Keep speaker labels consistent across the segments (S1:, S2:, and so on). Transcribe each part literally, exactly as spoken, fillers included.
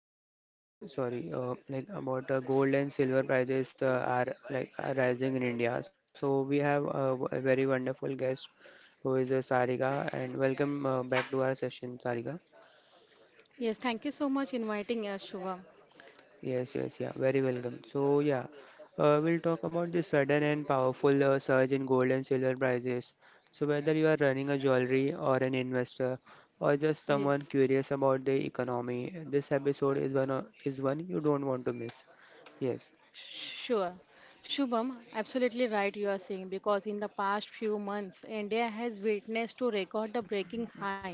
S1: uh, about sorry, uh, like about uh, gold and silver prices uh, are like are rising in India. So we have uh, w- a very wonderful guest who is uh, Sarika, and welcome uh, back to our session, Sarika.
S2: Yes, thank you so much inviting us, Shubham.
S1: Yes, yes, yeah, very welcome. So, yeah, uh, we'll talk about the sudden and powerful uh, surge in gold and silver prices. So, whether you are running a jewelry or an investor or just someone
S2: Yes.
S1: curious about the economy, this episode is one uh, is one you don't want to miss. Yes,
S2: Sure. Shubham, absolutely right you are saying because in the past few months India has witnessed to record the breaking high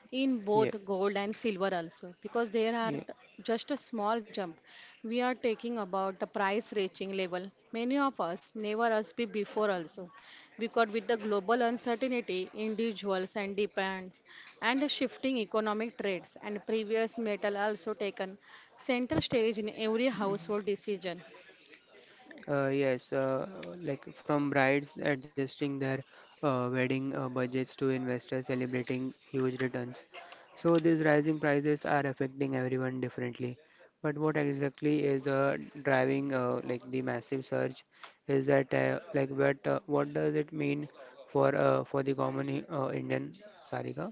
S2: in both
S1: yeah,
S2: gold and silver also because there are t-
S1: yeah.
S2: just a small jump we are taking about the price reaching level many of us never us be before also because with the global uncertainty individuals and depends and the shifting economic trends and previous metal also taken center stage in every household decision.
S1: Uh, yes, uh, like from brides adjusting their uh, wedding uh, budgets to investors celebrating huge returns. So these rising prices are affecting everyone differently. But what exactly is uh, driving uh, like the massive surge, is that uh, like what uh, what does it mean for uh, for the common I- uh, Indian, Sarika?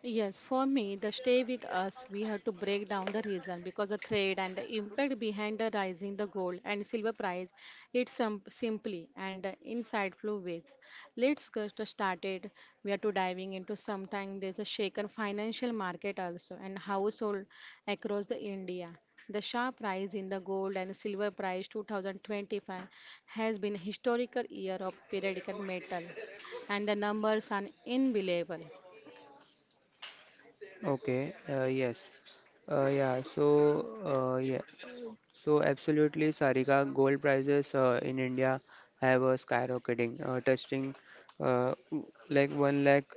S2: Yes, for me, the stay with us, we have to break down the reason because the trade and the impact behind the rising the gold and silver price, it's some simply and uh, insightful ways. Let's get started. We are to diving into something there's a shaken financial market also and household across the India. The sharp rise in the gold and silver price two thousand twenty-five has been a historical year of periodic metal and the numbers are unbelievable.
S1: Okay, uh, yes. Uh, yeah, so uh, yeah, so absolutely, Sarika, gold prices uh, in India have a skyrocketing, uh, touching uh, like one lakh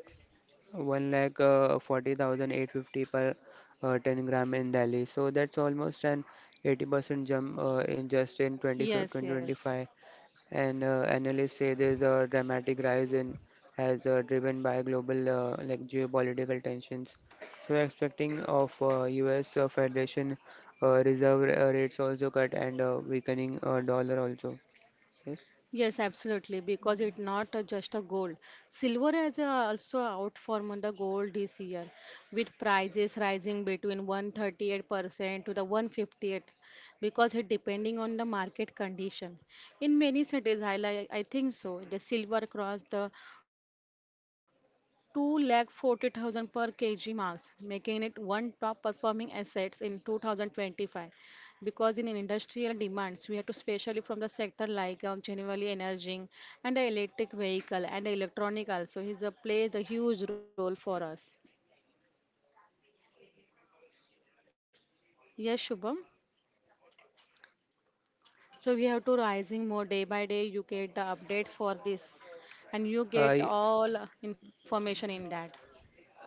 S1: one lakh uh, forty thousand eight fifty per uh, ten gram in Delhi. So that's almost an eighty percent jump uh, in just in twenty
S2: Yes,
S1: twenty twenty
S2: yes.
S1: five. And uh, analysts say there's a dramatic rise in as uh, driven by global uh, like geopolitical tensions. So we're expecting of uh, U S. Uh, Federation uh, Reserve uh, rates also cut and uh, weakening uh, dollar also. Yes.
S2: Yes, absolutely. Because it's not uh, just a gold. Silver is uh, also outperformed the gold this year, with prices rising between one hundred thirty-eight percent to the one fifty-eight, because it depending on the market condition. In many cities, I, li- I think so. The silver crossed the two lakh forty thousand per kg marks, making it one top performing assets in two thousand twenty-five. Because in industrial demands, we have to especially from the sector like um, generally energy and the electric vehicle and the electronic also is a play the huge role for us. Yes, Shubham. So we have to rising more day by day. You get the update for this, and you get
S1: Uh,
S2: all information in that.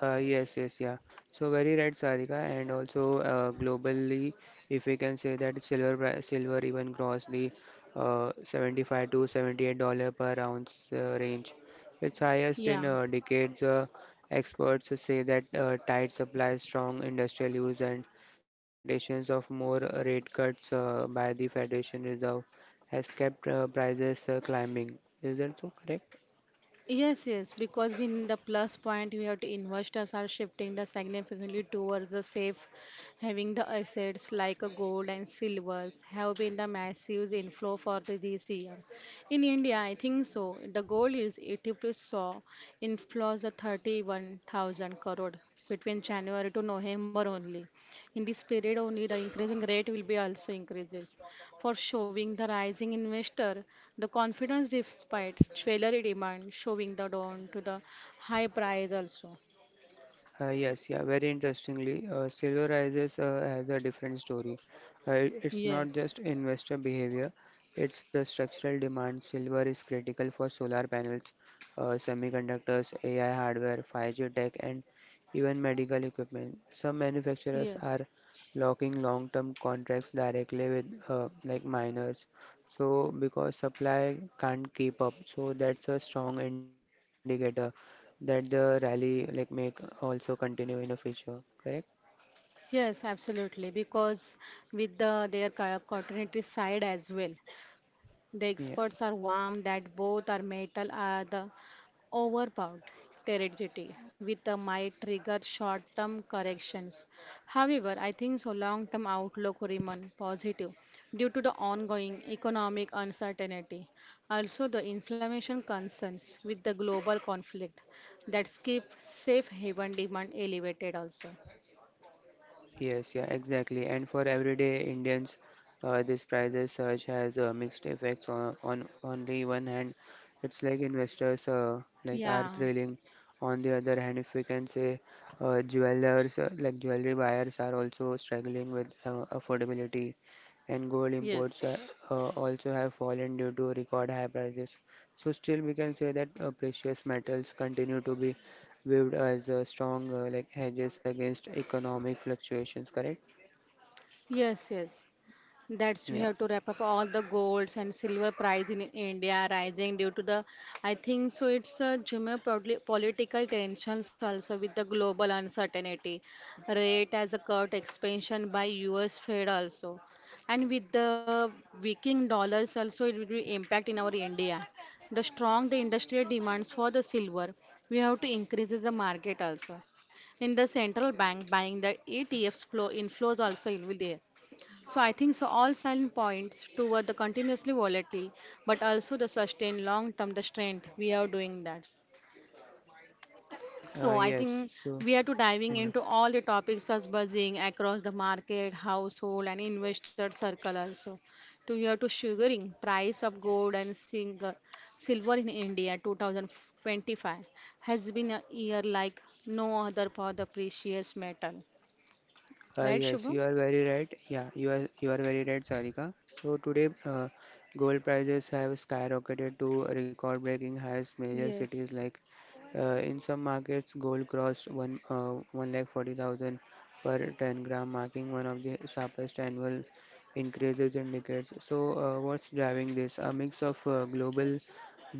S1: Uh, yes, yes, yeah. So very right, Sarika, and also uh, globally, if we can say that silver pri- silver even crossed the uh, seventy-five to seventy-eight dollar per ounce uh, range, its highest
S2: Yeah.
S1: in uh, decades. Uh, experts say that uh, tight supply, strong industrial use, and expectations of more rate cuts uh, by the Federation Reserve has kept uh, prices uh, climbing. Is that so correct?
S2: Yes, yes, because we in the plus point we have to investors are shifting the significantly towards the safe, having the assets like a gold and silvers have been the massive inflow for the this year. In India, I think so. The gold is it saw inflows the thirty-one thousand crore between January to November only. In this period only the increasing rate will be also increases for showing the rising investor the confidence despite jewelry demand showing the down to the high price also.
S1: Uh, yes, yeah, very interestingly, uh, Silver Rises uh, has a different story. Uh, it- it's not
S2: Yes,
S1: just investor behavior, it's a structural demand. Silver is critical for solar panels, uh, semiconductors, A I hardware, five G tech, and even medical equipment. Some manufacturers
S2: yes.
S1: are locking long-term contracts directly with uh, like miners. So because supply can't keep up, so that's a strong indicator that the rally like may also continue in the future, correct?
S2: Yes, absolutely. Because with the their co- continuity side as well. The
S1: Yeah,
S2: experts are warm that both are metal are the overbought territory with the might trigger short-term corrections. However, I think so long-term outlook remain positive due to the ongoing economic uncertainty. Also, the inflammation concerns with the global conflict that keep safe haven demand elevated also.
S1: yes, yeah, exactly. And for everyday Indians, uh, this prices surge has uh, mixed effects on, on only one hand it's like investors uh, like are
S2: Yeah.
S1: thrilling. On the other hand, if we can say, uh, jewelers uh, like jewelry buyers are also struggling with uh, affordability, and gold imports
S2: Yes.
S1: uh, uh, also have fallen due to record high prices. So still we can say that uh, precious metals continue to be viewed as uh, strong uh, like hedges against economic fluctuations, correct?
S2: Yes, yes. That's we
S1: Yeah.
S2: have to wrap up all the golds and silver prize in India rising due to the, I think so. It's a geopolitical political tensions also with the global uncertainty, rate as a cut expansion by U S. Fed also, and with the weakening dollars also it will impact in our India. The strong the industrial demands for the silver, we have to increase the market also. In the central bank buying the E T Fs flow inflows also it will be there, so I think so all silent points toward the continuously volatile, but also the sustained long-term the strength we are doing that.
S1: Uh,
S2: So I
S1: yes.
S2: think
S1: So
S2: we are to diving
S1: yeah.
S2: into all the topics as buzzing across the market, household, and investor circle also. To here to sugaring price of gold and single, silver in India twenty twenty-five has been a year like no other for the precious metal,
S1: Uh,
S2: right,
S1: yes,
S2: Shubham?
S1: you are very right. Yeah, you are you are very right, Sarika. So today, uh, gold prices have skyrocketed to record-breaking highs. Major
S2: Yes,
S1: cities like Uh, in some markets, gold crossed one uh, one lakh forty thousand per ten gram, marking one of the sharpest annual increases in decades. So, uh, what's driving this? A mix of uh, global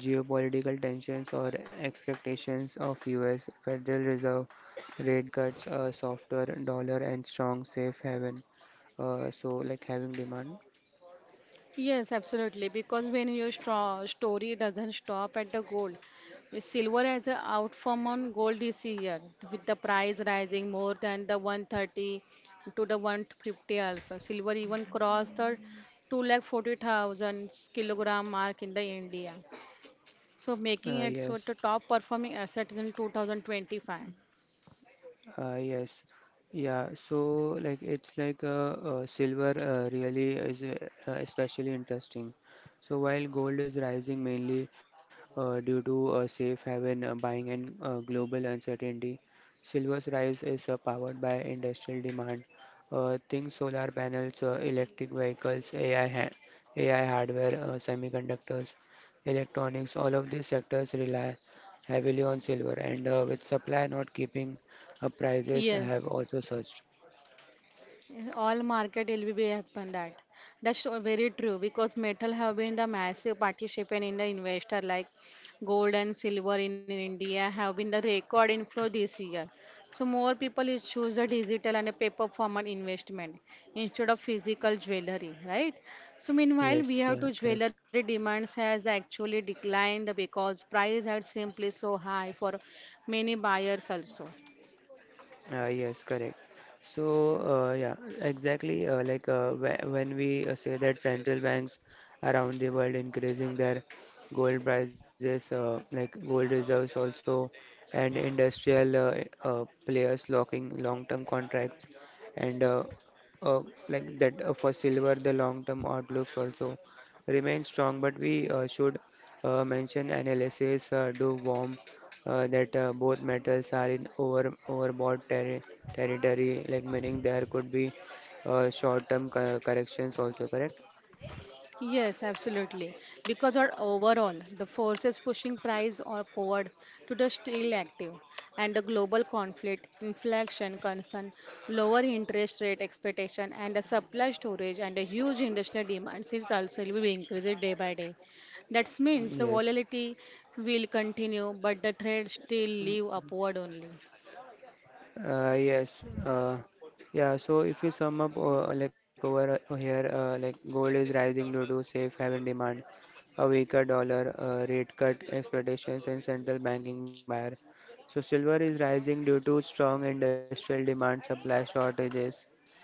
S1: geopolitical tensions or expectations of U S. Federal Reserve rate cuts, a softer dollar, and strong safe haven. Uh, so, like having demand.
S2: Yes, absolutely. Because when your stro story doesn't stop at the gold, silver has a outperform on gold this year, with the price rising more than the one thirty to the one fifty also. Silver even crossed the two lakh forty thousand kilogram mark in the India, so making
S1: Uh,
S2: it so
S1: yes.
S2: the top performing assets in twenty twenty-five.
S1: Uh, yes, yeah. So like it's like, uh, uh, silver uh, really is, uh, uh, especially interesting. So while gold is rising mainly uh, due to uh, safe haven uh, buying and uh, global uncertainty, silver's rise is uh, powered by industrial demand. Uh, things solar panels, uh, electric vehicles, A I, ha A I hardware, uh, semiconductors, electronics, all of these sectors rely heavily on silver, and uh, with supply not keeping uh, prices I have
S2: Yes.
S1: also searched.
S2: In all market it will be happen that. That's so very true because metal have been the massive participant in the investor like gold and silver in India have been the record inflow this year. So more people is choose a digital and a paper format investment instead of physical jewelry, right? So meanwhile, we
S1: Yes,
S2: have
S1: yeah,
S2: to
S1: correct.
S2: jewelry demands has actually declined because price had simply so high for many buyers also.
S1: Uh, yes, correct. So, uh, yeah, exactly. Uh, like uh, wh- when we uh, say that central banks around the world increasing their gold prices, uh, like gold reserves also, and industrial uh, uh, players locking long-term contracts, and uh, uh, like that uh, for silver, the long-term outlooks also remain strong. But we uh, should uh, mention analysis uh, do warm uh, that uh, both metals are in over overbought terri territory, like meaning there could be uh, short-term co- corrections also, correct?
S2: Yes, absolutely. Because our overall, the forces pushing price or forward to the still active, and the global conflict, inflation concern, lower interest rate expectation, and the supply storage and the huge industrial demands is also will be increased day by day. That means the
S1: Yes.
S2: volatility will continue, but the trade still live upward only.
S1: Uh, yes. Uh, yeah. So if you sum up, uh, like over uh, here, uh, like gold is rising due to safe haven demand, a weaker dollar, uh, rate cut expectations, and central banking buyer. So silver is rising due to strong industrial demand, supply shortages,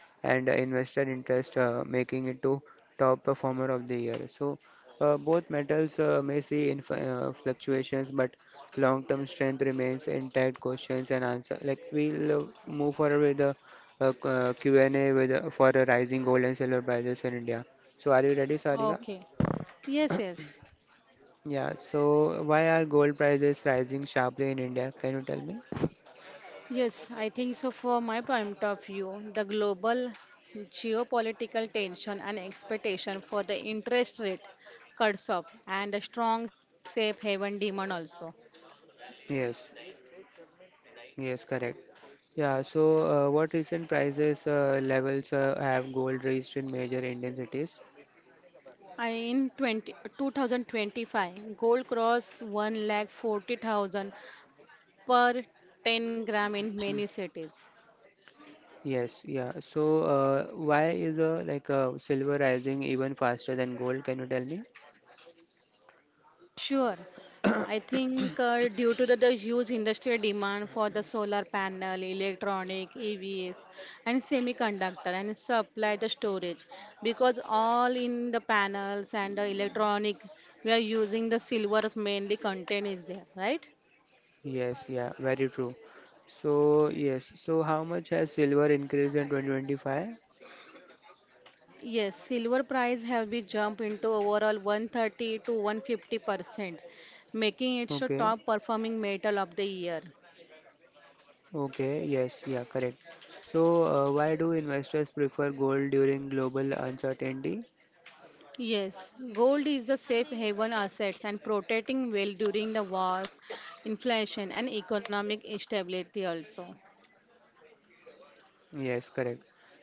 S1: and uh, investor interest, uh, making it to top performer of the year. So uh, both metals uh, may see inf- uh, fluctuations, but long-term strength remains intact. Questions and answer. Like we'll uh, move forward with the uh, q- uh, Q and A with uh, for the rising gold and silver prices in India. So are you ready, Sarika?
S2: Okay. Yes, yes.
S1: Yeah. So why are gold prices rising sharply in India? Can you tell me?
S2: Yes, I think so. From my point of view, the global geopolitical tension and expectation for the interest rate cuts off and a strong safe haven demand also.
S1: Yes. Yes, correct. Yeah, so uh, what recent prices uh, levels uh, have gold reached in major Indian cities?
S2: I- In twenty, twenty twenty-five, gold crossed one lakh forty thousand per ten gram in
S1: Mm.
S2: many cities.
S1: Yes, yeah. So uh, why is uh, like uh, silver rising even faster than gold? Can you tell me?
S2: Sure. I think uh, due to the, the huge industrial demand for the solar panel, electronic, E Vs, and semiconductor, and supply the storage, because all in the panels and the electronic, we are using the silver mainly content is there, right?
S1: Yes, yeah, very true. So yes, so how much has silver increased in twenty twenty-five?
S2: Yes, silver price have been jump into overall one thirty to one hundred fifty percent, making it the
S1: Okay,
S2: top performing metal of the year.
S1: okay, yes, yeah, correct. So uh, why do investors prefer gold during global uncertainty?
S2: Yes, gold is the safe haven assets and protecting well during the wars, inflation and economic instability also.
S1: Yes, correct.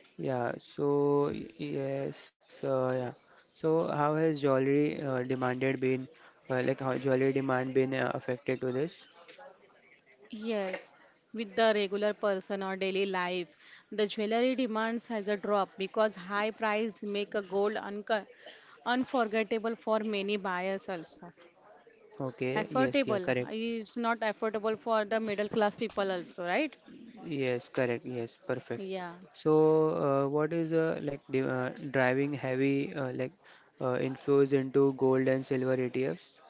S1: Yeah, so y- yes, uh, yeah. So how has jewelry uh, demanded been uh, like how jewelry demand been uh, affected to this?
S2: Yes, with the regular person or daily life, the jewelry demands has a drop because high price make a gold unco- unforgettable for many buyers also.
S1: Okay, yes, yeah,
S2: Affordable,
S1: correct.
S2: it's not affordable for the middle class people also, right?
S1: Yes, correct. Yes, perfect.
S2: Yeah.
S1: So uh, what is uh, like the, uh, driving heavy uh, like uh, inflows into gold and silver E T Fs?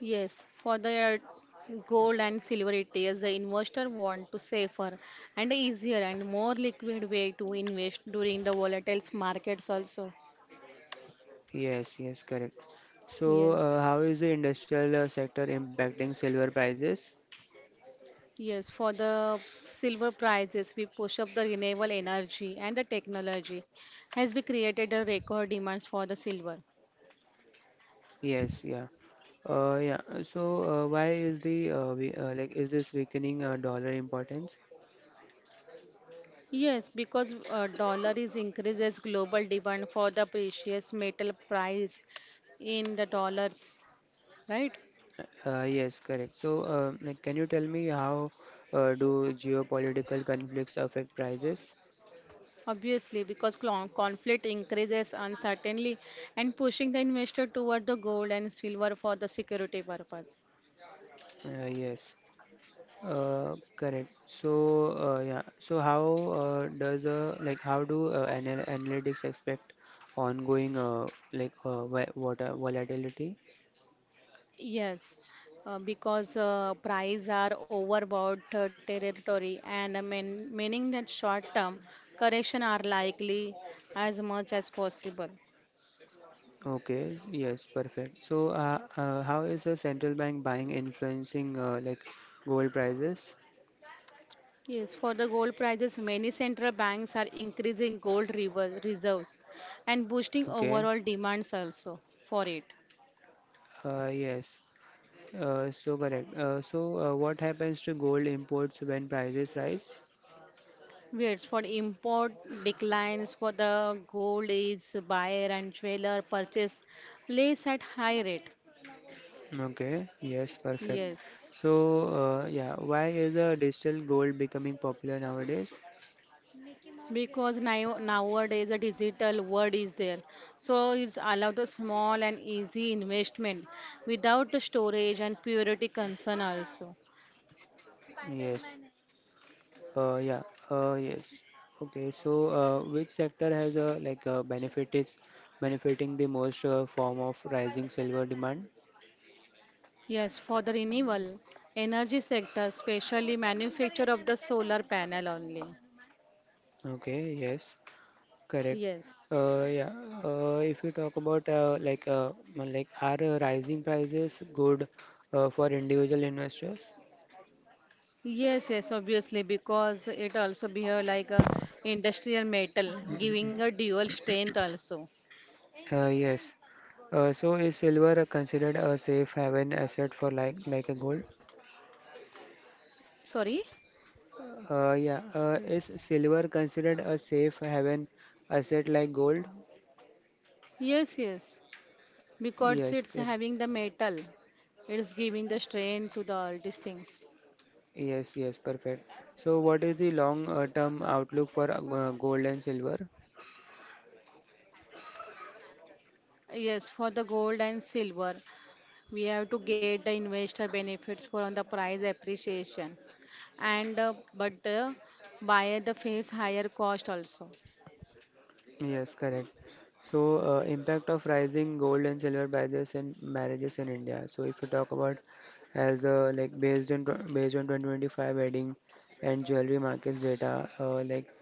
S2: Yes, for the uh, gold and silver E T Fs, the investor want to safer and easier and more liquid way to invest during the volatile markets also.
S1: Yes, yes, correct. So uh,
S2: Yes.
S1: how is the industrial uh, sector impacting silver prices?
S2: Yes, for the silver prices, we push up the renewable energy and the technology has been created a record demands for the silver.
S1: Yes, yeah. Uh, yeah. uh, So, uh, why is the uh, we, uh, like is this weakening uh, dollar importance?
S2: Yes, because uh, dollar is increases global demand for the precious metal price in the dollars, right?
S1: Uh, yes, correct. So, uh, like, can you tell me how uh, do geopolitical conflicts affect prices?
S2: Obviously, because clon- conflict increases uncertainty and pushing the investor toward the gold and silver for the security purpose.
S1: Uh, yes. Uh, correct. So, uh, yeah. So, how uh, does uh, like how do uh, anal analytics expect ongoing uh, like uh, wa- water volatility?
S2: Yes, uh, because uh, price are overbought uh, territory and uh, mean, meaning that short-term correction are likely as much as possible.
S1: Okay, yes, perfect. So, uh, uh, how is the central bank buying influencing uh, like gold prices?
S2: Yes, for the gold prices, many central banks are increasing gold rever- reserves and boosting
S1: Okay,
S2: overall demands also for it.
S1: uh, yes, uh, so correct. Uh, so, uh, what happens to gold imports when prices rise?
S2: It's for import declines for the gold is buyer and seller purchase less at high rate.
S1: Okay, yes, perfect.
S2: Yes.
S1: So, uh, yeah, why is uh, digital gold becoming popular nowadays?
S2: Because now, nowadays a digital world is there, so it's allowed the small and easy investment without the storage and purity concern also.
S1: Yes. Uh, yeah, uh, yes. Okay, so uh, which sector has uh, like uh, benefit is benefiting the most uh, form of rising silver demand?
S2: Yes, for the renewable energy sector, especially manufacture of the solar panel only.
S1: Okay, yes, correct.
S2: Yes.
S1: Uh, yeah, uh, if you talk about uh, like uh, like are uh, rising prices good uh, for individual investors?
S2: Yes, yes, obviously, because it also behave like a industrial metal, giving a dual strength also.
S1: Uh, yes. Uh, so is silver considered a safe haven asset for like like a gold?
S2: Sorry?
S1: Uh, yeah, uh, is silver considered a safe haven asset like gold?
S2: Yes, yes, because
S1: Yes,
S2: it's
S1: cor-
S2: having the metal, it's giving the strength to the all these things.
S1: yes, yes, perfect. So, what is the long uh, term outlook for uh, gold and silver?
S2: Yes, for the gold and silver, we have to get the investor benefits for on the price appreciation, and uh, but uh, buyer the face higher cost also.
S1: Yes, correct. So, uh, impact of rising gold and silver prices in marriages in India. So, if you talk about as uh, like based on tw- based on twenty twenty-five wedding and jewelry markets data, uh, like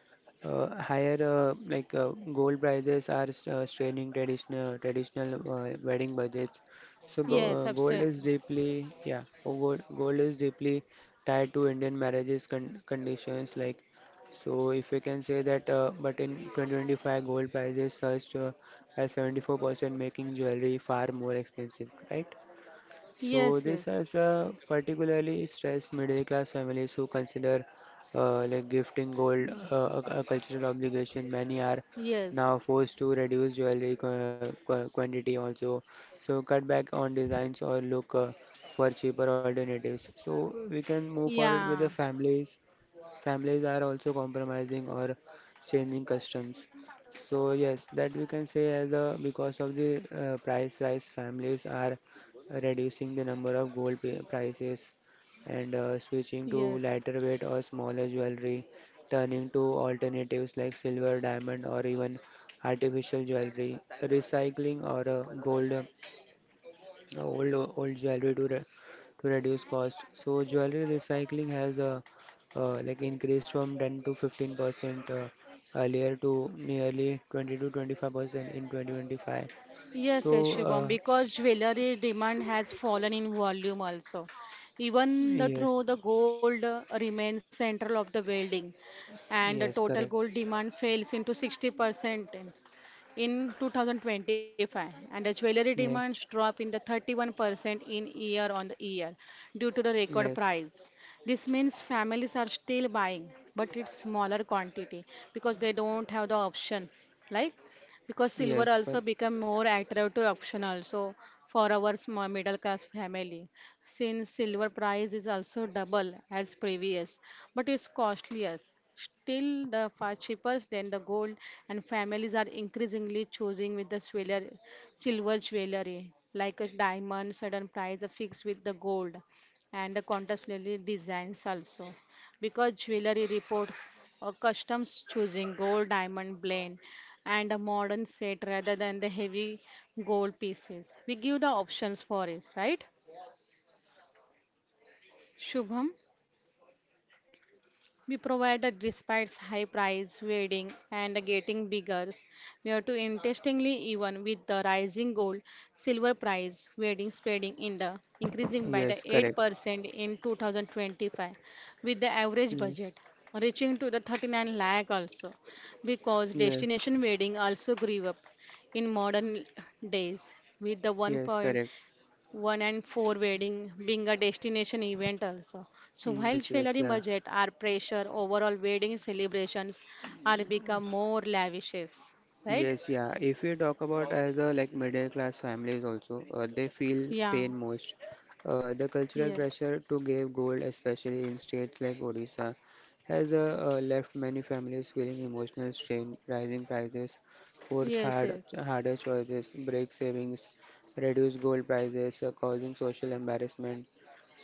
S1: uh, higher uh, like uh, gold prices are s- uh, straining traditional traditional uh, wedding budgets. So, go,
S2: Yes,
S1: uh, gold is
S2: absolutely.
S1: deeply yeah, oh, gold, gold is deeply tied to Indian marriages, con conditions, like so if we can say that, uh, but in twenty twenty-five, gold prices surged uh, by seventy-four percent, making jewelry far more expensive, right? So
S2: Yes,
S1: this
S2: yes,
S1: has uh, particularly stressed middle-class families who consider uh, like gifting gold uh, a, a cultural obligation. Many are
S2: yes.
S1: now forced to reduce jewelry qu qu quantity also, so cut back on designs or look uh, for cheaper alternatives. So we can move forward with
S2: Yeah,
S1: the families families are also compromising or changing customs. So yes, that we can say as a because of the uh, price rise, families are reducing the number of gold pi- prices and uh, switching to
S2: yes.
S1: lighter weight or smaller jewelry, turning to alternatives like silver, diamond, or even artificial jewelry, recycling or uh, gold uh, old old jewelry to re to reduce cost. So jewelry recycling has uh, uh, like increased from ten to fifteen percent uh, earlier to nearly twenty to twenty-five percent in twenty twenty-five.
S2: Yes,
S1: So
S2: yes, Shubham,
S1: uh,
S2: because jewelry demand has fallen in volume also. Even the,
S1: yes,
S2: through the gold uh, remains central of the building, and the
S1: yes,
S2: total
S1: correct.
S2: gold demand fails into sixty percent in, in two thousand twenty-five, and the jewelry
S1: Yes,
S2: demands drop in the thirty-one percent in year on the year due to the record
S1: yes,
S2: price. This means families are still buying, but it's smaller quantity because they don't have the options, like. Because silver
S1: yes,
S2: also
S1: but
S2: become more attractive option also for our small middle class family since silver price is also double as previous but it's costlier still the far cheaper than the gold and families are increasingly choosing with the jeweler, silver jewelry like a diamond certain price are fixed with the gold and the contemporary designs also because jewelry reports a customs choosing gold diamond blend and a modern set rather than the heavy gold pieces. We give the options for it, right, Shubham? We provided despite high price, wedding and getting bigger. Near to interestingly, even with the rising gold, silver price, wedding spending in the increasing by the
S1: yes, correct.
S2: eight percent in two thousand twenty-five, with the average
S1: Yes,
S2: budget reaching to the thirty-nine lakh also, because
S1: yes,
S2: destination wedding also grew up in modern days with the
S1: yes, correct.
S2: one point eight one and four wedding being a destination event also. So while
S1: Yes, yes,
S2: jewelry
S1: yeah.
S2: budget are pressure, overall wedding celebrations are become more lavishes, right?
S1: Yes, yeah. If we talk about as a like middle class families also, uh, they feel
S2: Yeah,
S1: pain most. Uh, the cultural
S2: yes,
S1: pressure to give gold, especially in states like Odisha, has uh, uh, left many families feeling emotional strain. Rising prices force
S2: yes,
S1: hard
S2: yes,
S1: harder choices, break savings, reduce gold prices, uh, causing social embarrassment.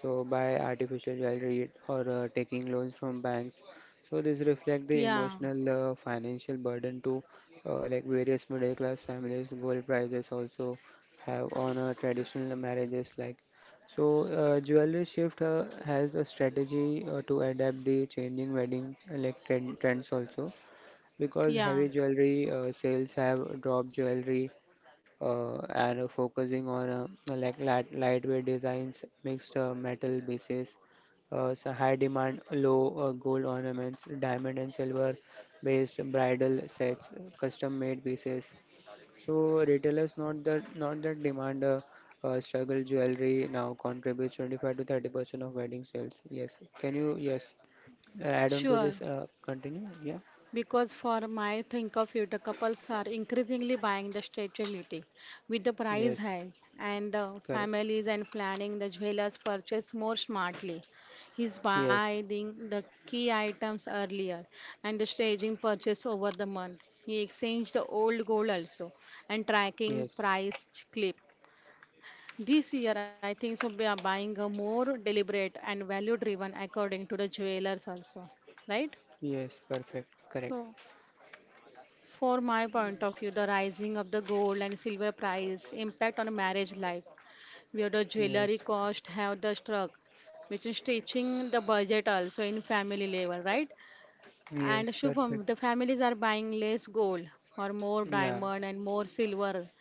S1: So buy artificial jewelry or uh, taking loans from banks. So this reflect the
S2: yeah,
S1: emotional uh, financial burden to uh, like various middle class families, gold prices also have on uh, traditional marriages. Like so, uh, jewelry shift uh, has a strategy uh, to adapt the changing wedding uh, like trend, trends also because
S2: yeah,
S1: heavy jewelry uh, sales have dropped jewelry uh, and uh, focusing on uh, like light, lightweight designs, mixed uh, metal pieces, uh, so high demand, low uh, gold ornaments, diamond and silver based bridal sets, custom made pieces. So retailers not that not that demand uh, uh, struggle jewelry now contributes twenty-five to thirty percent of wedding sales. Yes, can you yes add on to
S2: sure.
S1: this? Uh, continue. Yeah.
S2: Because for my think of it, the couples are increasingly buying the stability with the price
S1: Yes.
S2: hikes and the
S1: Correct.
S2: families and planning the jewelers purchase more smartly. He's
S1: Yes.
S2: buying the key items earlier and the staging purchase over the month. He exchanged the old gold also and tracking
S1: Yes.
S2: price clip. This year, I think so. We are buying a more deliberate and value driven according to the jewelers also, right?
S1: Yes. Perfect. Correct.
S2: So. For my point of view, the rising of the gold and silver price impact on a marriage life, where the
S1: Yes.
S2: jewelry cost have the struck, which is stretching the budget also in family level, right? And
S1: Yes, perfect.
S2: Shubham, the families are buying less gold or more
S1: Yeah,
S2: diamond and more silver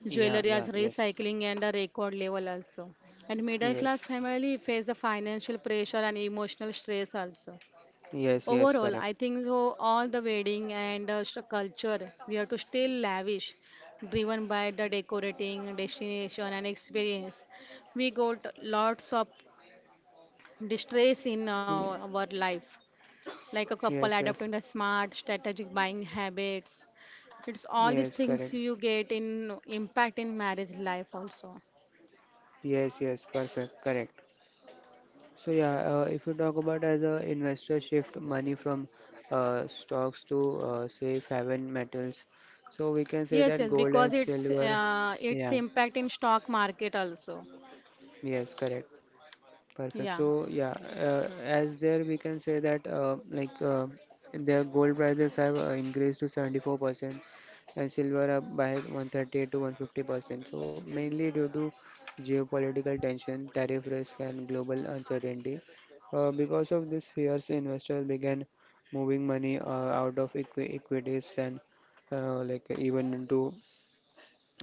S1: yeah,
S2: jewelry as
S1: yeah, yes,
S2: recycling and the record level also. And middle
S1: yes,
S2: class family face the financial pressure and emotional stress also.
S1: yes, yes,
S2: Overall,
S1: correct.
S2: I think so all the wedding and uh, st- culture we have to stay lavish, driven by the decorating, destination, and experience. We got lots of distress in our,
S1: Y-
S2: our life, like a couple
S1: Yes, yes,
S2: adopting the smart, strategic buying habits. It's all these
S1: yes, correct.
S2: things you get in impact in marriage life also.
S1: Yes, yes, perfect, correct. So yeah, uh, if you talk about as a investor shift money from uh, stocks to uh, safe haven metals, so we can
S2: Yes,
S1: say
S2: yes,
S1: that gold
S2: because
S1: and
S2: it's
S1: silver.
S2: uh, it's
S1: Yeah,
S2: impact in stock market also.
S1: yes, correct. Perfect.
S2: Yeah.
S1: So yeah, uh, as there we can say that uh, like uh, their gold prices have uh, increased to seventy-four percent and silver up by one hundred thirty-eight to one hundred fifty percent. So mainly due to geopolitical tension, tariff risk, and global uncertainty. Uh, because of this fears, investors began moving money uh, out of equi equities and uh, like even into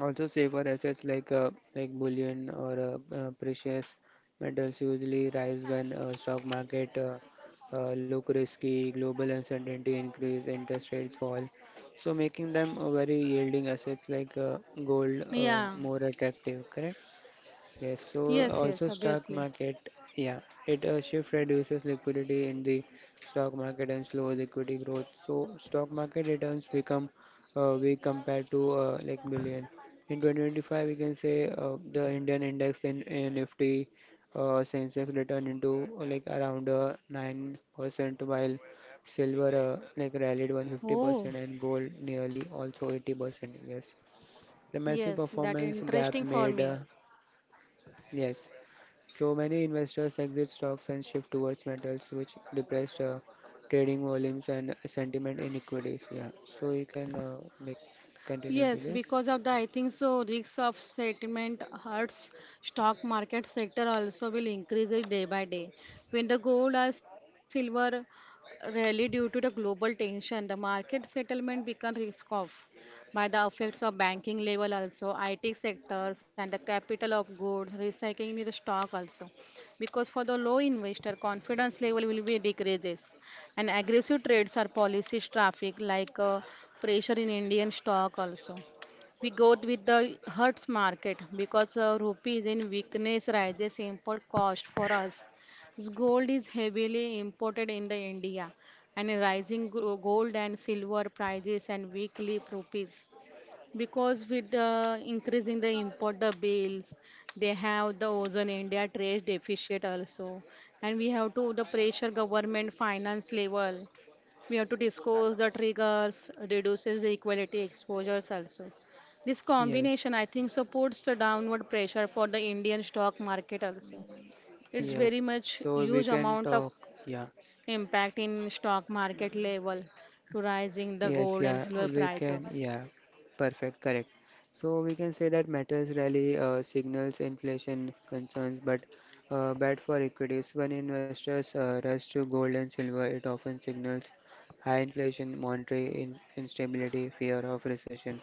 S1: also, safer assets like uh, like bullion or uh, uh, precious metals usually rise when uh, stock market uh, uh, look risky, global uncertainty increase, interest rates fall. So making them a very yielding assets like uh, gold uh,
S2: Yeah.
S1: more attractive. Correct? Yes, so
S2: Yes, yes,
S1: also
S2: obviously.
S1: stock market, yeah, it a shift reduces liquidity in the stock market and slows equity growth. So stock market returns become uh, weak compared to uh, like billion. In twenty twenty-five, we can say uh, the Indian index in, in Nifty uh, Sensex returned into uh, like around uh, nine percent while silver uh, like rallied
S2: Oh,
S1: one hundred fifty percent and gold nearly also eighty percent. Yes, the massive
S2: yes, that
S1: performance gap
S2: interesting for
S1: made uh,
S2: me.
S1: yes so many investors exit stocks and shift towards metals, which depressed uh, trading volumes and sentiment in equities. Yeah. So you can uh, like continue to
S2: Yes,
S1: this.
S2: because of the I think so risks of settlement hurts stock market sector also will increase it day by day. When the gold or silver rally due to the global tension, the market settlement become risk off by the effects of banking level also, I T sectors and the capital of goods, recycling in the stock also. Because for the low investor confidence level will be decreases and aggressive trades are policies traffic like uh, pressure in Indian stock also. We go with the Hertz market because uh, rupee is in weakness rises import cost for us. This Gold is heavily imported in the India and rising gro- gold and silver prices and weak leap rupees because with uh, increasing the import the bills, they have the ozone india trade deficit also, and we have to the pressure government finance level. We have to discuss the triggers reduces the equality exposures also. This
S1: Yes.
S2: combination, I think, supports the downward pressure for the indian stock market also. It's
S1: Yes.
S2: very
S1: So
S2: much
S1: we can
S2: huge
S1: talk.
S2: amount of
S1: Yeah.
S2: impact in stock market level to rising the gold
S1: Yes,
S2: and silver
S1: yeah, we
S2: prices.
S1: can, yeah, perfect, correct. So we can say that metals rally uh, signals inflation concerns, but uh, bad for equities. When investors uh, rush to gold and silver, it often signals high inflation, monetary in instability, fear of recession.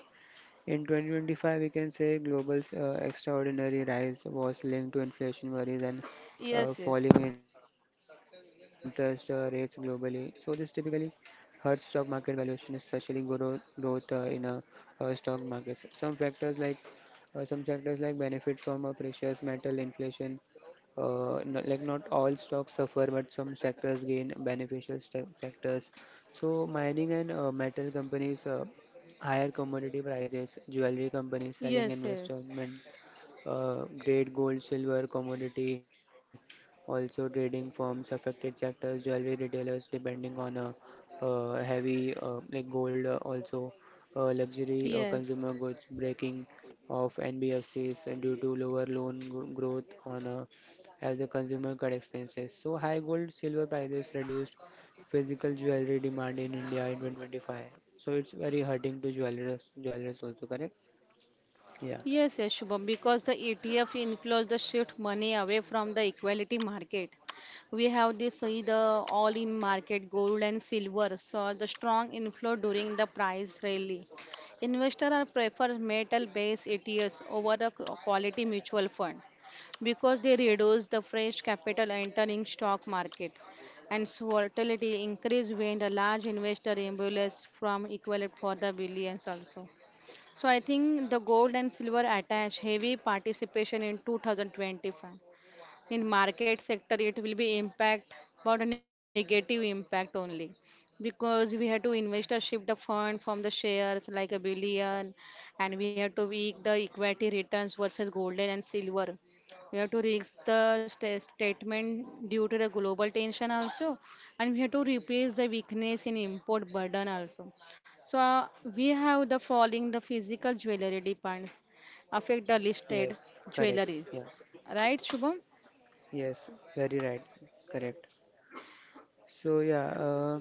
S1: In twenty twenty-five, we can say global uh, extraordinary rise was linked to inflation worries and
S2: Yes,
S1: uh,
S2: yes.
S1: falling interest uh, rates globally. So this typically hurts stock market valuation, especially growth, growth uh, in uh, uh, stock markets. Some factors like uh, some sectors like benefit from uh, precious metal inflation. Uh, no, like not all stocks suffer, but some sectors gain beneficial st sectors. So mining and uh, metal companies uh, higher commodity prices, jewelry companies selling
S2: Yes, yes,
S1: investment uh, great gold, silver, commodity, also trading firms, affected sectors, jewelry retailers, depending on uh, uh, heavy uh, like gold, uh, also uh, luxury uh,
S2: yes,
S1: consumer goods, breaking of N B F Cs due to lower loan gro- growth on uh, as the consumer cut expenses. So high gold, silver prices reduced physical jewelry demand in India in two thousand twenty-five. So it's very hurting to jewelers, jewelers also, correct? Yeah.
S2: yes, yes, Shubham, because the E T F inflows the shift money away from the equality market. We have this see the all in market gold and silver saw the strong inflow during the price rally. Investors are prefer metal based E T Fs over a q- quality mutual fund because they reduce the fresh capital entering stock market and so volatility increase when the large investor embolus from equal for the billions also. So I think the gold and silver attached heavy participation in two thousand twenty-five. In market sector it will be impact, but a negative impact only, because we have to invest a shift the fund from the shares like a billion, and we have to weak the equity returns versus golden and silver. We have to risk the sta- statement due to the global tension also, and we have to replace the weakness in import burden also. So uh, we have the following the physical jewelry demands affect the listed
S1: Yes, correct.
S2: jewelries,
S1: Yeah.
S2: right Shubham?
S1: Yes, very right. Correct. So yeah, uh,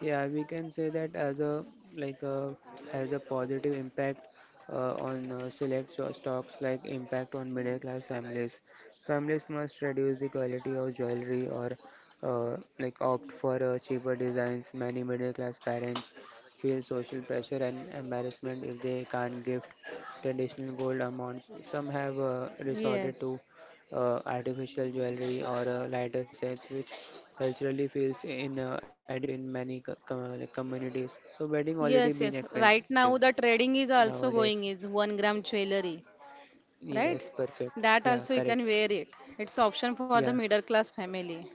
S1: yeah, we can say that as a like uh, has a positive impact uh, on uh, select so- stocks like impact on middle class families. Families must reduce the quality of jewelry or uh, like opt for uh, cheaper designs. Many middle class parents feel social pressure and embarrassment if they can't gift traditional gold amounts. Some have uh, resorted to
S2: Yes,
S1: uh, artificial jewelry or uh, lighter sets, which culturally feels in uh, educate in many co- com- like communities, so wedding already
S2: yes,
S1: been
S2: yes. Right
S1: expensive
S2: now, the trading is also
S1: nowadays.
S2: going is one gram jewelry,
S1: Yes,
S2: right?
S1: perfect,
S2: That
S1: yeah,
S2: also you
S1: correct.
S2: can wear it. It's option for the
S1: Yeah,
S2: middle class family.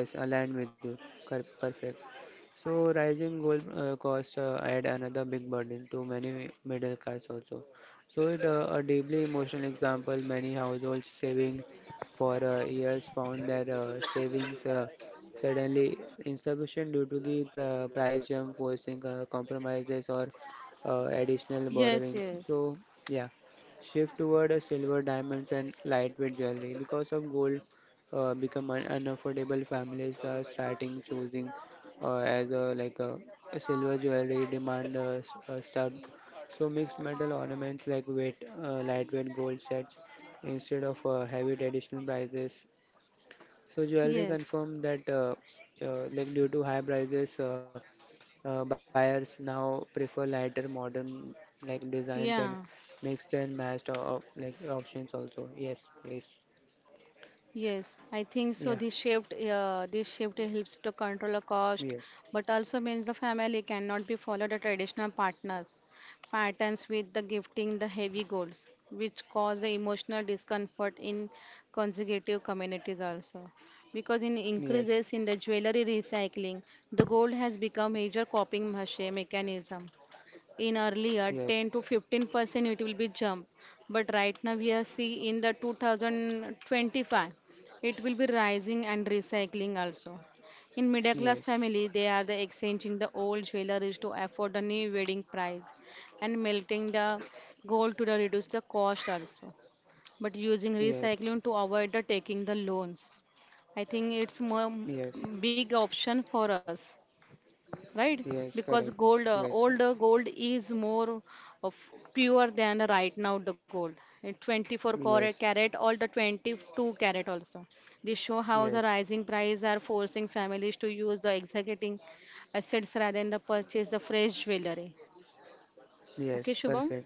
S1: yes, aligned with you. Cor- perfect. So rising gold uh, costs uh, add another big burden to many middle class also. So it uh, a deeply emotional example. Many households saving for uh, years found their uh, savings uh, suddenly insufficient due to the pr- price jump, forcing uh, compromises or uh, additional
S2: Yes,
S1: borrowings.
S2: yes,
S1: So yeah, shift toward uh, silver, diamonds, and lightweight jewelry because of gold uh, become un- unaffordable. Families are starting choosing uh, as uh, like uh, silver jewelry demand uh, s- uh, stubbed. So mixed metal ornaments like weight, uh, lightweight gold sets instead of uh, heavy traditional prices. So jewelry
S2: yes.
S1: confirmed that uh, uh, like due to high prices, uh, uh, buyers now prefer lighter modern like designs and
S2: Yeah.
S1: mixed and matched uh, like options also. Yes, please.
S2: Yes, I think so. This
S1: Yeah.
S2: shift, uh, this shift helps to control the cost,
S1: Yes.
S2: but also means the family cannot be followed the traditional partners patterns with the gifting the heavy goals, which cause the emotional discomfort in consecutive communities also. Because in increases
S1: Yes.
S2: in the jewelry recycling, the gold has become major coping mache- mechanism in earlier ten
S1: Yes.
S2: to fifteen percent it will be jump, but right now we are see in the two thousand twenty-five it will be rising and recycling also. In middle class
S1: Yes.
S2: family they are the exchanging the old jewelry to afford the new wedding price and melting the gold to the reduce the cost also, but using
S1: Yes.
S2: recycling to avoid the taking the loans. I think it's more
S1: Yes.
S2: big option for us, right?
S1: Yes,
S2: Because
S1: correct.
S2: gold, uh,
S1: Yes, per-
S2: older gold is more of pure than right now the gold. Uh, twenty-four carat
S1: yes,
S2: carat all the twenty-two carat also, this show how the
S1: yes,
S2: rising price are forcing families to use the executing assets rather than the purchase the fresh jewelry.
S1: yes,
S2: Okay Shubham.
S1: perfect.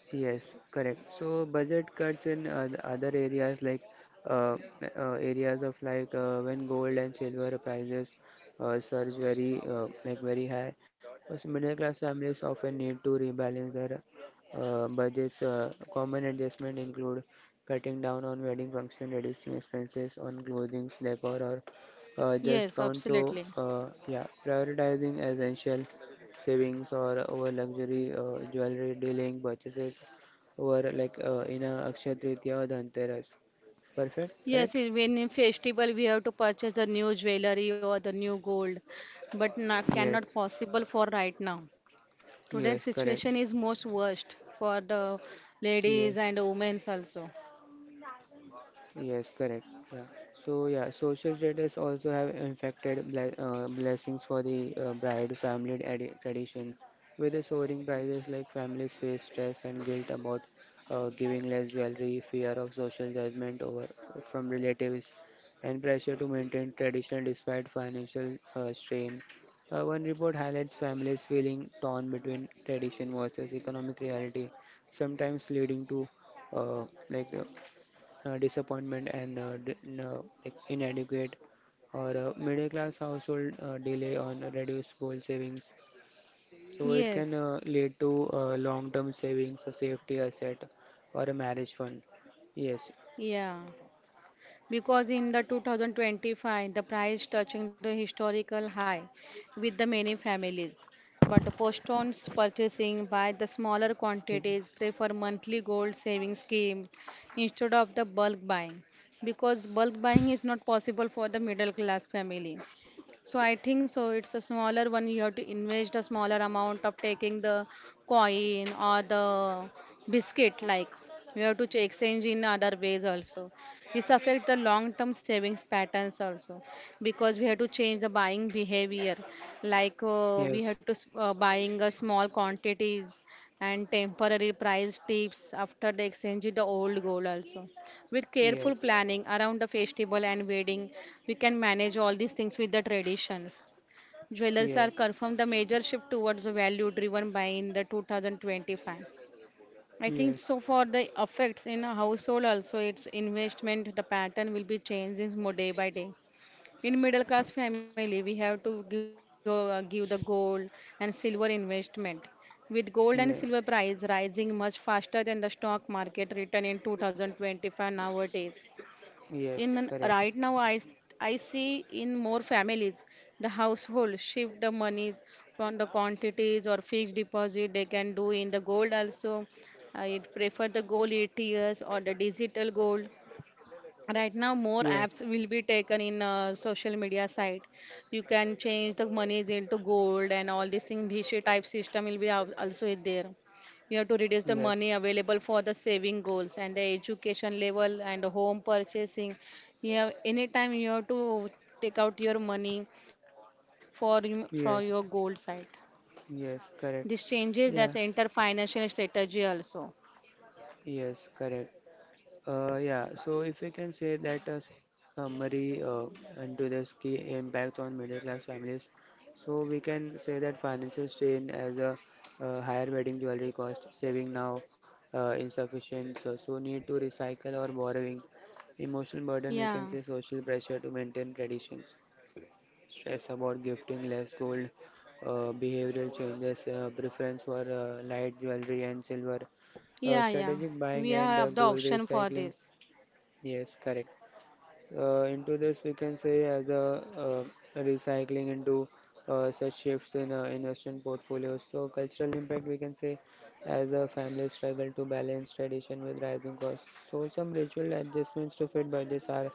S1: Yes, correct. So budget cuts in oth- other areas like uh, uh, areas of like uh, when gold and silver prices uh, surge very uh, like very high. Also, middle class families often need to rebalance their uh, budgets. Uh, common adjustment include cutting down on wedding function, reducing expenses on clothing, decor, or uh,
S2: Yes,
S1: just count. So
S2: absolutely.
S1: uh, yeah, prioritizing essential savings or over luxury uh, jewelry dealing purchases over like uh, in a Akshaya Tritiya or Dhanteras. Perfect,
S2: Yes, i-
S1: correct?
S2: when in festival we have to purchase the new jewelry or the new gold, but not, cannot
S1: Yes,
S2: possible for right now. Today's
S1: yes,
S2: situation
S1: correct.
S2: is most worst for the
S1: Yes,
S2: ladies and women's also.
S1: yes, correct. Yeah. So yeah, social status also have infected ble uh, blessings for the uh, bride family adi- tradition. With the soaring prices, like families face stress and guilt about uh, giving less jewelry, fear of social judgment over from relatives, and pressure to maintain tradition despite financial uh, strain. Uh, one report highlights families feeling torn between tradition versus economic reality, sometimes leading to uh, like uh, uh, disappointment and uh, d- n- uh, like inadequate or uh, middle class household uh, delay on reduced goal savings, so it can
S2: Yes,
S1: uh, lead to uh, long term savings, a safety asset or a marriage fund. Yes.
S2: yeah. Because in the two thousand twenty-five, the price touching the historical high with the many families. But the postpones purchasing by the smaller
S1: ठीक.
S2: quantities, prefer monthly gold saving schemes instead of the bulk buying. Because bulk buying is not possible for the middle class family. So I think so it's a smaller one, you have to invest a smaller amount of taking the coin or the biscuit, like you have to ch- exchange in other ways also. This affects the long term savings patterns also because we have to change the buying behavior, like uh, we
S1: Yes,
S2: have to s- uh, buying a small quantities and temporary price tips after the exchanging the old gold also. With careful
S1: yes,
S2: planning around the festival and wedding, we can manage all these things with the traditions. Jewelers are
S1: yes,
S2: confirmed the major shift towards the value driven by in the two thousand twenty-five. I think
S1: yes,
S2: so for the effects in a household also its investment the pattern will be changing more day by day. In middle class family we have to go, uh, give the gold and silver investment. With gold and silver price
S1: yes,
S2: rising much faster than the stock market return in two thousand twenty-five nowadays, in
S1: yes,
S2: right
S1: correct.
S2: now I I see in more families the household shift the monies from the quantities or fixed deposit they can do in the gold also. I prefer the gold ets or the digital gold. Right now more
S1: Yes,
S2: apps will be taken in uh, social media site. You can change the monies into gold and all these things bhishi type system will be al- also is there. You have to reduce the
S1: yes,
S2: money available for the saving goals and the education level and the home purchasing. You have anytime you have to take out your money for you- for your goal
S1: yes,
S2: site. This
S1: yes, correct.
S2: changes that's enter
S1: Yeah,
S2: financial strategy also.
S1: yes, correct. Uh, yeah, so if we can say that a summary uh, into this, key impact on middle class families, so we can say that financial strain as a uh, higher wedding jewelry cost, saving now uh, insufficient, so, so need to recycle or borrowing, emotional burden, we
S2: Yeah.
S1: can say social pressure to maintain traditions, stress about gifting less gold, uh, behavioral changes, uh, preference for uh, light jewelry and silver, uh,
S2: Yeah. Yeah.
S1: strategic
S2: We
S1: buying and uh,
S2: have the
S1: gold
S2: option for
S1: recycling.
S2: this.
S1: Yes, correct. Uh, into this, we can say as a uh, recycling into uh, such shifts in uh, investment portfolios. So cultural impact we can say as a family struggle to balance tradition with rising costs. So some ritual adjustments to fit budgets are,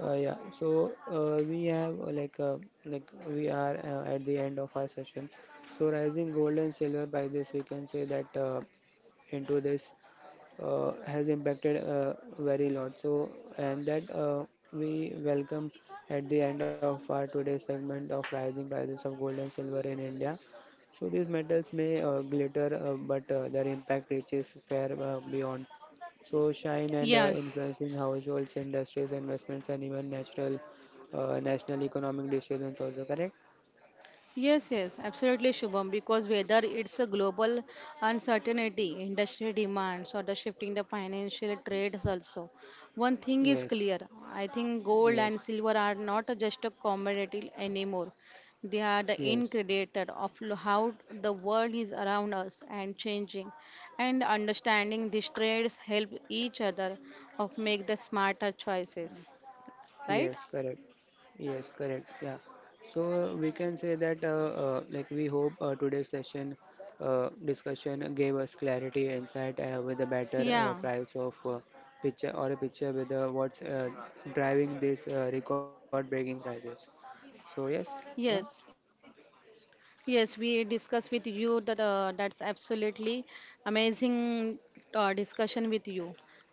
S1: uh, yeah. So, uh, we have uh, like uh, like we are uh, at the end of our session. So, rising gold and silver prices, we can say that uh, into this uh, has impacted uh, very lot. So, and that uh, we welcome at the end of our today's segment of rising prices of gold and silver in India. So these metals may uh, glitter, uh, but uh, their impact reaches far uh, beyond. So shine and uh,
S2: Yes.
S1: influencing households, industries, investments, and even natural, uh, national economic decisions also. Correct?
S2: Yes, yes, absolutely, Shubham. Because whether it's a global uncertainty, industry demands, or the shifting the financial trades also, one thing is
S1: Yes.
S2: clear. I think gold
S1: Yes.
S2: and silver are not just a commodity anymore. They are the
S1: Yes.
S2: ingredients of lo- how the world is around us and changing. And understanding these trades help each other of make the smarter choices. Right?
S1: Yes. Correct. Yes, correct. Yeah. So uh, we can say that uh, uh, like we hope uh, today's session uh, discussion gave us clarity, insight uh, with a better uh,
S2: Yeah.
S1: price of uh, picture, or a picture with uh, what's uh, driving these uh, record-breaking prices. So yes, yeah,
S2: Yes. Yes, we discuss with you that uh, that's absolutely amazing uh, discussion with you,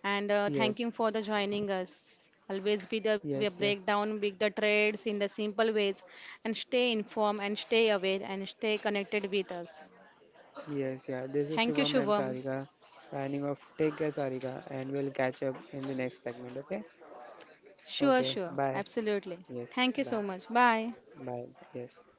S2: and uh, thank
S1: yes,
S2: you for the joining us. Always be there. We
S1: yes, yeah,
S2: break down big the trades in the simple ways, and stay informed and stay aware and stay connected with us.
S1: yes, yeah. This is
S2: Thank you,
S1: Shubham and
S2: Shubham.
S1: Sarika signing off. Take care, Sarika, and we'll catch up in the next segment. Okay?
S2: Sure,
S1: Okay.
S2: sure,
S1: Bye.
S2: absolutely.
S1: Yes.
S2: Thank you
S1: Bye.
S2: so much. Bye.
S1: Bye. Yes.